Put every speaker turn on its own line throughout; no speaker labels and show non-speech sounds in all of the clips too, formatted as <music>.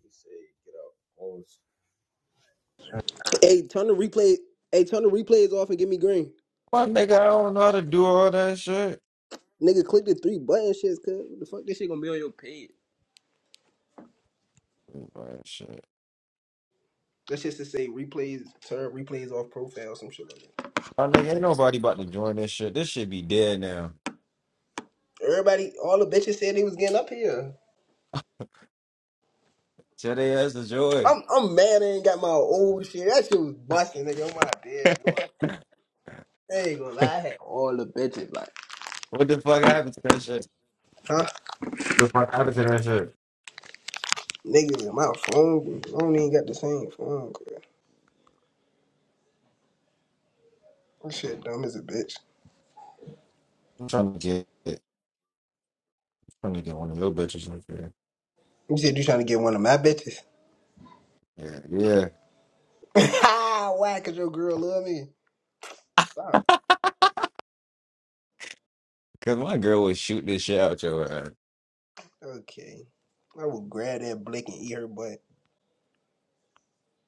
He said, get up, close.
Hey, turn the replay. Hey, turn the replays off and give me green.
My nigga, I don't know how to do all that shit.
Nigga, click the three button shits, cuz. What the fuck? This shit gonna be on your page.
Man, shit.
That shit's to say replays, turn replays off profile, some shit like that.
My nigga, ain't nobody about to join this shit. This shit be dead now.
Everybody, all the bitches said they was getting up here.
Tell they ass to join.
I'm I'm mad I ain't got my old shit. That shit was busting, nigga. On my bed, doing. I ain't gonna lie, I had all the bitches, like,
What the fuck happened to that shit?
huh?
What the fuck happened to that shit?
Niggas, in my phone, I don't even got the same phone, cuz. That shit dumb as a bitch.
I'm trying to get it. I'm trying to get one of your bitches in here.
You said you trying to get one of my bitches.
Yeah, yeah.
<laughs> Why? Cause your girl love me. Ah,
Cause my girl would shoot this shit out your ass.
Okay. I will grab that blick and eat her butt.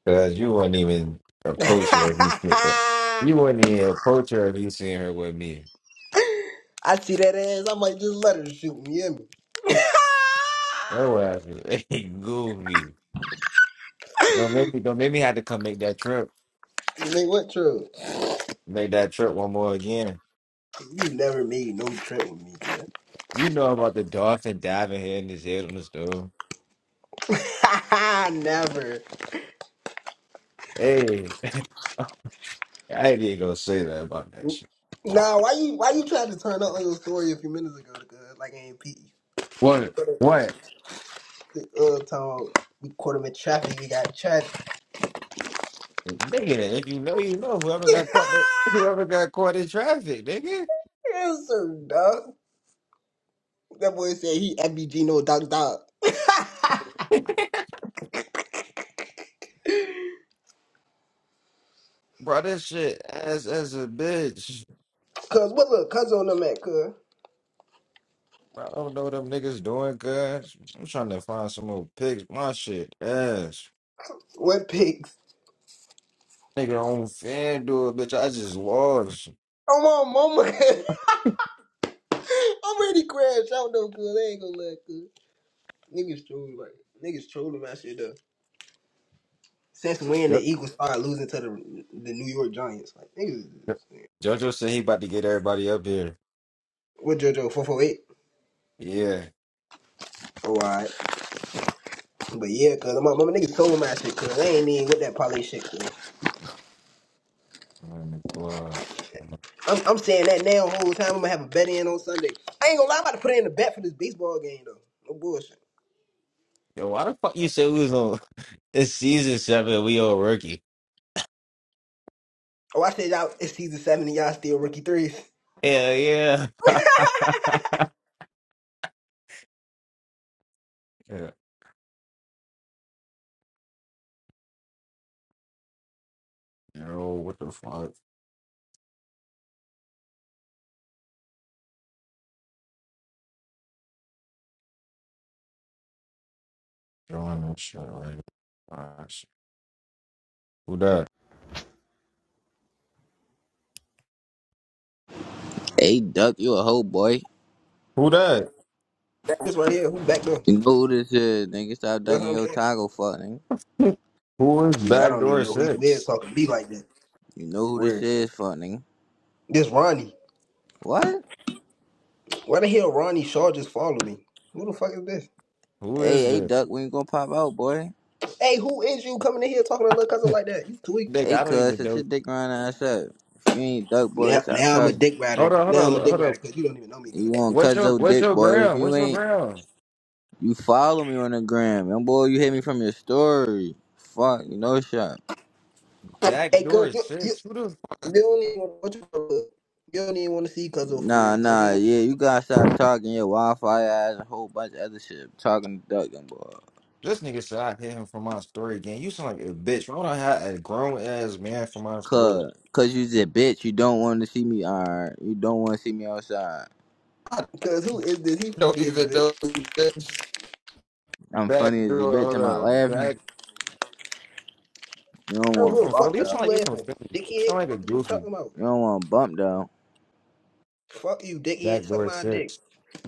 Cause you wouldn't even
<laughs>
approach her if you see her. You wouldn't even approach her if you seen her with me.
I see that ass. I might just let her shoot me, hear me?
Her ass, was <laughs> goofy. Don't make me don't make me have to come make that trip.
You mean what, true?
Make that trip one more again.
You never made no trip with me, man.
You know about the dolphin diving head in his head on the stove.
<laughs> never.
Hey, <laughs> I didn't go say that about that shit.
Nah, why you why you trying to turn up on your story a few minutes ago, cuz? Like I ain't peep. You You
What?
thought
What?
the uh time we caught him in traffic, we got trapped.
Nigga, if you know, you know.
<laughs>
Whoever
yes,
got caught, they, whoever got caught in traffic, nigga,
sir, dog. That boy said he MBG no dog dog. <laughs>
bro, this shit as as a bitch.
Cuz, what look, cuz on them at, cuz?
Bro, I don't know what them niggas doing, cuz. I'm trying to find some old pics. My shit ass.
What pigs?
Nigga on FanDuel, bitch. I just lost.
I'm on mama, cuz. <laughs> I'm ready to crash out though, cuz. They ain't gonna let, cuz. Niggas trolling, like, niggas trolling my shit, though. Since when the
Yep.
Eagles started losing to the the New York Giants, like, niggas is
yep. JoJo said he about to get everybody up here.
What JoJo, 448?
Yeah.
Oh, alright. But yeah, cuz, my mama niggas trolling my shit, cuz. They ain't even with that parlay shit, cuz.
Oh my God.
I'm, I'm saying that now the whole time. I'm gonna have a bet in on Sunday. I ain't gonna lie, I'm about to put in a bet for this baseball game, though. No bullshit.
Yo, why the fuck you say we was on <laughs> it's season seven we all rookie?
Oh, I said y'all, it's season seven and y'all still rookie threes.
Hell yeah. Yeah. Yo, what the fuck? Doing this shit right now. Gosh. Who that?
Hey, Duck, you a hoe boy.
Who that?
this right here, who back them?
You know who this is, nigga. Stop
That's what
dunking
I'm
your
saying.
taco, fuck, nigga.
<laughs> Who is
Yeah, I don't even
backdoor
know who you is
six?
talking to me like that.
You know who this
Where
is, fuck, nigga.
this Ronnie?
What?
Why the hell Ronnie Shaw just follow me? Who the fuck is this?
Who
Hey,
is
hey,
this?
Duck, when you gonna pop out, boy?
Hey, who is you coming in here talking to little cousin like that? You tweak.
Nigga,
Hey,
I don't
cuz,
even
set your
know.
dick around ass up. If you ain't Duck, boy,
Now,
stop
now I'm a
talking.
dick
Hold
rider.
on,
Now I'm a
hold on,
dick
hold on.
rider because you don't even know me, cuz.
You want to
What's
cut
your
your
what's
dick,
your
boy. If
ground? What's
you
your
ain't,
ground?
you follow me on the gram. And, boy, you hit me from your story. Fuck, you know shot.
Hey, cuz
Backdoor
you, you
six. Who the
you don't even want to you don't even want to see cuz for
Nah,
real, cuz
nah,
you
yeah, you gotta stop talking your Wi-Fi ass and a whole bunch of other shit. Talking to Duck, young boy.
This nigga said I hit him for my story again. You sound like a bitch. Why would I have a grown ass man for my story?
Cause, cause you just bitch. You don't want to see me. Alright, you don't want to see me outside.
cuz who is this? He
<laughs> don't
funny as a
even
bitch.
know who this
I'm
back
funny
door.
as a bitch.
Hold
I'm not
up,
laughing.
back.
You don't
I
You
want
don't
to
give
from
a
bump
fuck
Philly? You
what you
sound
though.
like you from
laughing,
Philly. You
dickhead.
sound like a
What are you
goofy
talking about?
You don't want to bump though.
Fuck you, dickhead. Suck
backdoor
my dick.
six.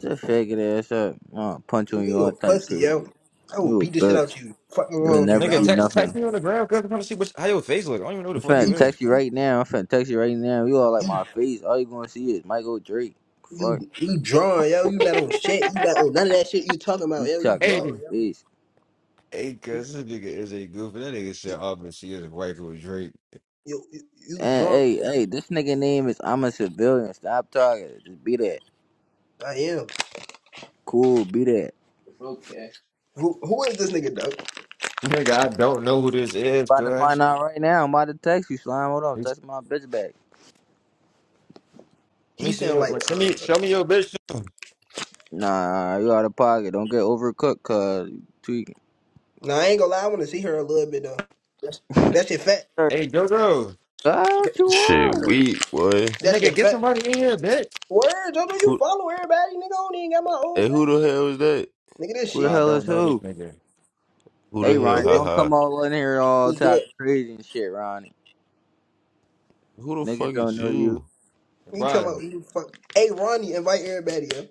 Just fake it ass up. I'll punch on you
You a
all types
pussy, yo.
crazy.
I will
You a
beat the shit
bitch.
out you. Fucking
You
wrong
will
with you,
never
Nigga,
do
dog.
text text
nothing.
me on the ground, cause I'm trying to see what, how your face look. I don't even know who
I'm
the fuck you
You,
finna
is.
text you right now. I'm finna text you right now. You all like
you,
my face. All you gonna see is Michael Drake. Fuck.
you, you drawing, yo. You not on
<laughs>
shit. You not on none of that shit you talking about,
You
yo. You
talking about
hey,
drawing, yo.
face.
hey, cause this nigga is a goofy. That nigga
You,
said, "Oh, but she is a wife of Drake."
you, you, you
And
drawing,
hey,
yo.
hey, this nigga name is I'm a civilian. Stop talking. Just be that.
I am.
Cool, be that.
Okay. Who, who is this nigga, though?
Nigga, I don't know who this is,
About to
cuz.
find out right now. I'm about to text you, slime. Hold on,
Let
text my bitch back.
me
He
see
sound like,
your, send me,
uh,
show me your bitch.
Nah, you out of pocket. Don't get overcooked, cuz you tweaking.
nah, I ain't gonna lie. I want to see her a little bit, though. That's, that shit fat.
Sure.
Hey, Jojo,
God,
That,
what you
Shit,
are?
we boy.
that
nigga,
shit
get
fat.
somebody in here, bitch.
Word, JoJo, you
Who?
follow everybody, nigga. I don't even got my own
Hey,
thing.
who the hell is that?
Nigga, this
Who the
Bro, I
chic.
hell
don't
is
know this
who?
nigga.
Who
Hey,
the hell?
Ronnie,
Nigga,
Ha
this,
don't
ha.
come all in here all
this good.
talking crazy and shit, Ronnie.
Who the
Niggas
fuck
don't
is
know you.
you?
You talking
Bro,
about you fuck? Hey, Ronnie, invite everybody up.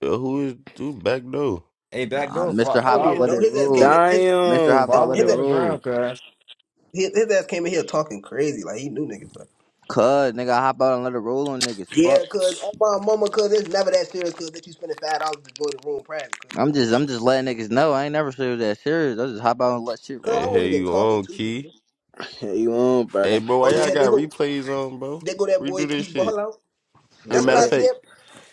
Yo, who is dude back though?
Hey, back
Nah,
door,
Mr.
fo-
I
Hop
don't
out,
even
follow
let
know
it
his ass came in.
roll.
His,
Mr.
Damn.
Hop
his,
out,
follow
let
me
it
his,
on the ground,
roll.
cuz.
his his ass came in here talking crazy like he knew niggas. Like,
Cuz, nigga, I hop out and let it roll on niggas.
yeah,
Fuck.
cause oh my mama, cause it's never that serious. Cause that you spending five dollars to join the room private. Cause no
I'm just,
bullshit.
I'm just letting niggas know. I ain't never serious that serious. I just hop out and let shit
Cause
Hey,
I won't
roll.
hey,
even
you
talking
on
to you.
key?
Cause,
Hey, you on,
Hey,
brother?
bro,
oh
why y'all
yeah, they
got
go,
replays on, bro?
they go that
Redo
boy
this
keep
shit.
ball out.
As a
You
That's what
know
matter of
I
that.
fact,
said.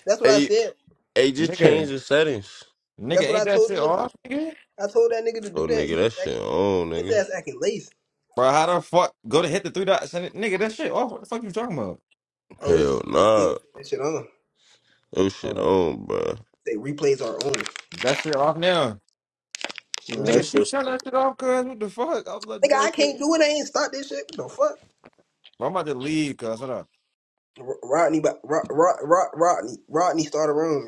That's what I
hey,
said.
hey, just change
Nigga,
the settings.
nigga,
That's what
ain't
I
that
told the
shit
nigga.
off, nigga?
I told that nigga to
Oh,
do that.
nigga,
He
that shit
act-
on,
his
nigga.
ass acting lazy.
Bro, how the fuck go to hit the three dots and it, nigga, that shit off. What the fuck you talking about?
Oh,
Hell
it's it's
nah,
still that shit on.
that shit
Hold up.
on, bro.
They replays are on. Let
That shit off now.
me
No, that
see.
Nigga, she
shit's
turned that shit off, cuz. What the fuck? I'm gonna do
Nigga,
that
I can't
shit.
do it. I ain't start this shit. What the fuck?
Bro, I'm about to leave, cuz. Hold up.
Rodney? Rodney, Rodney, Rodney started a room.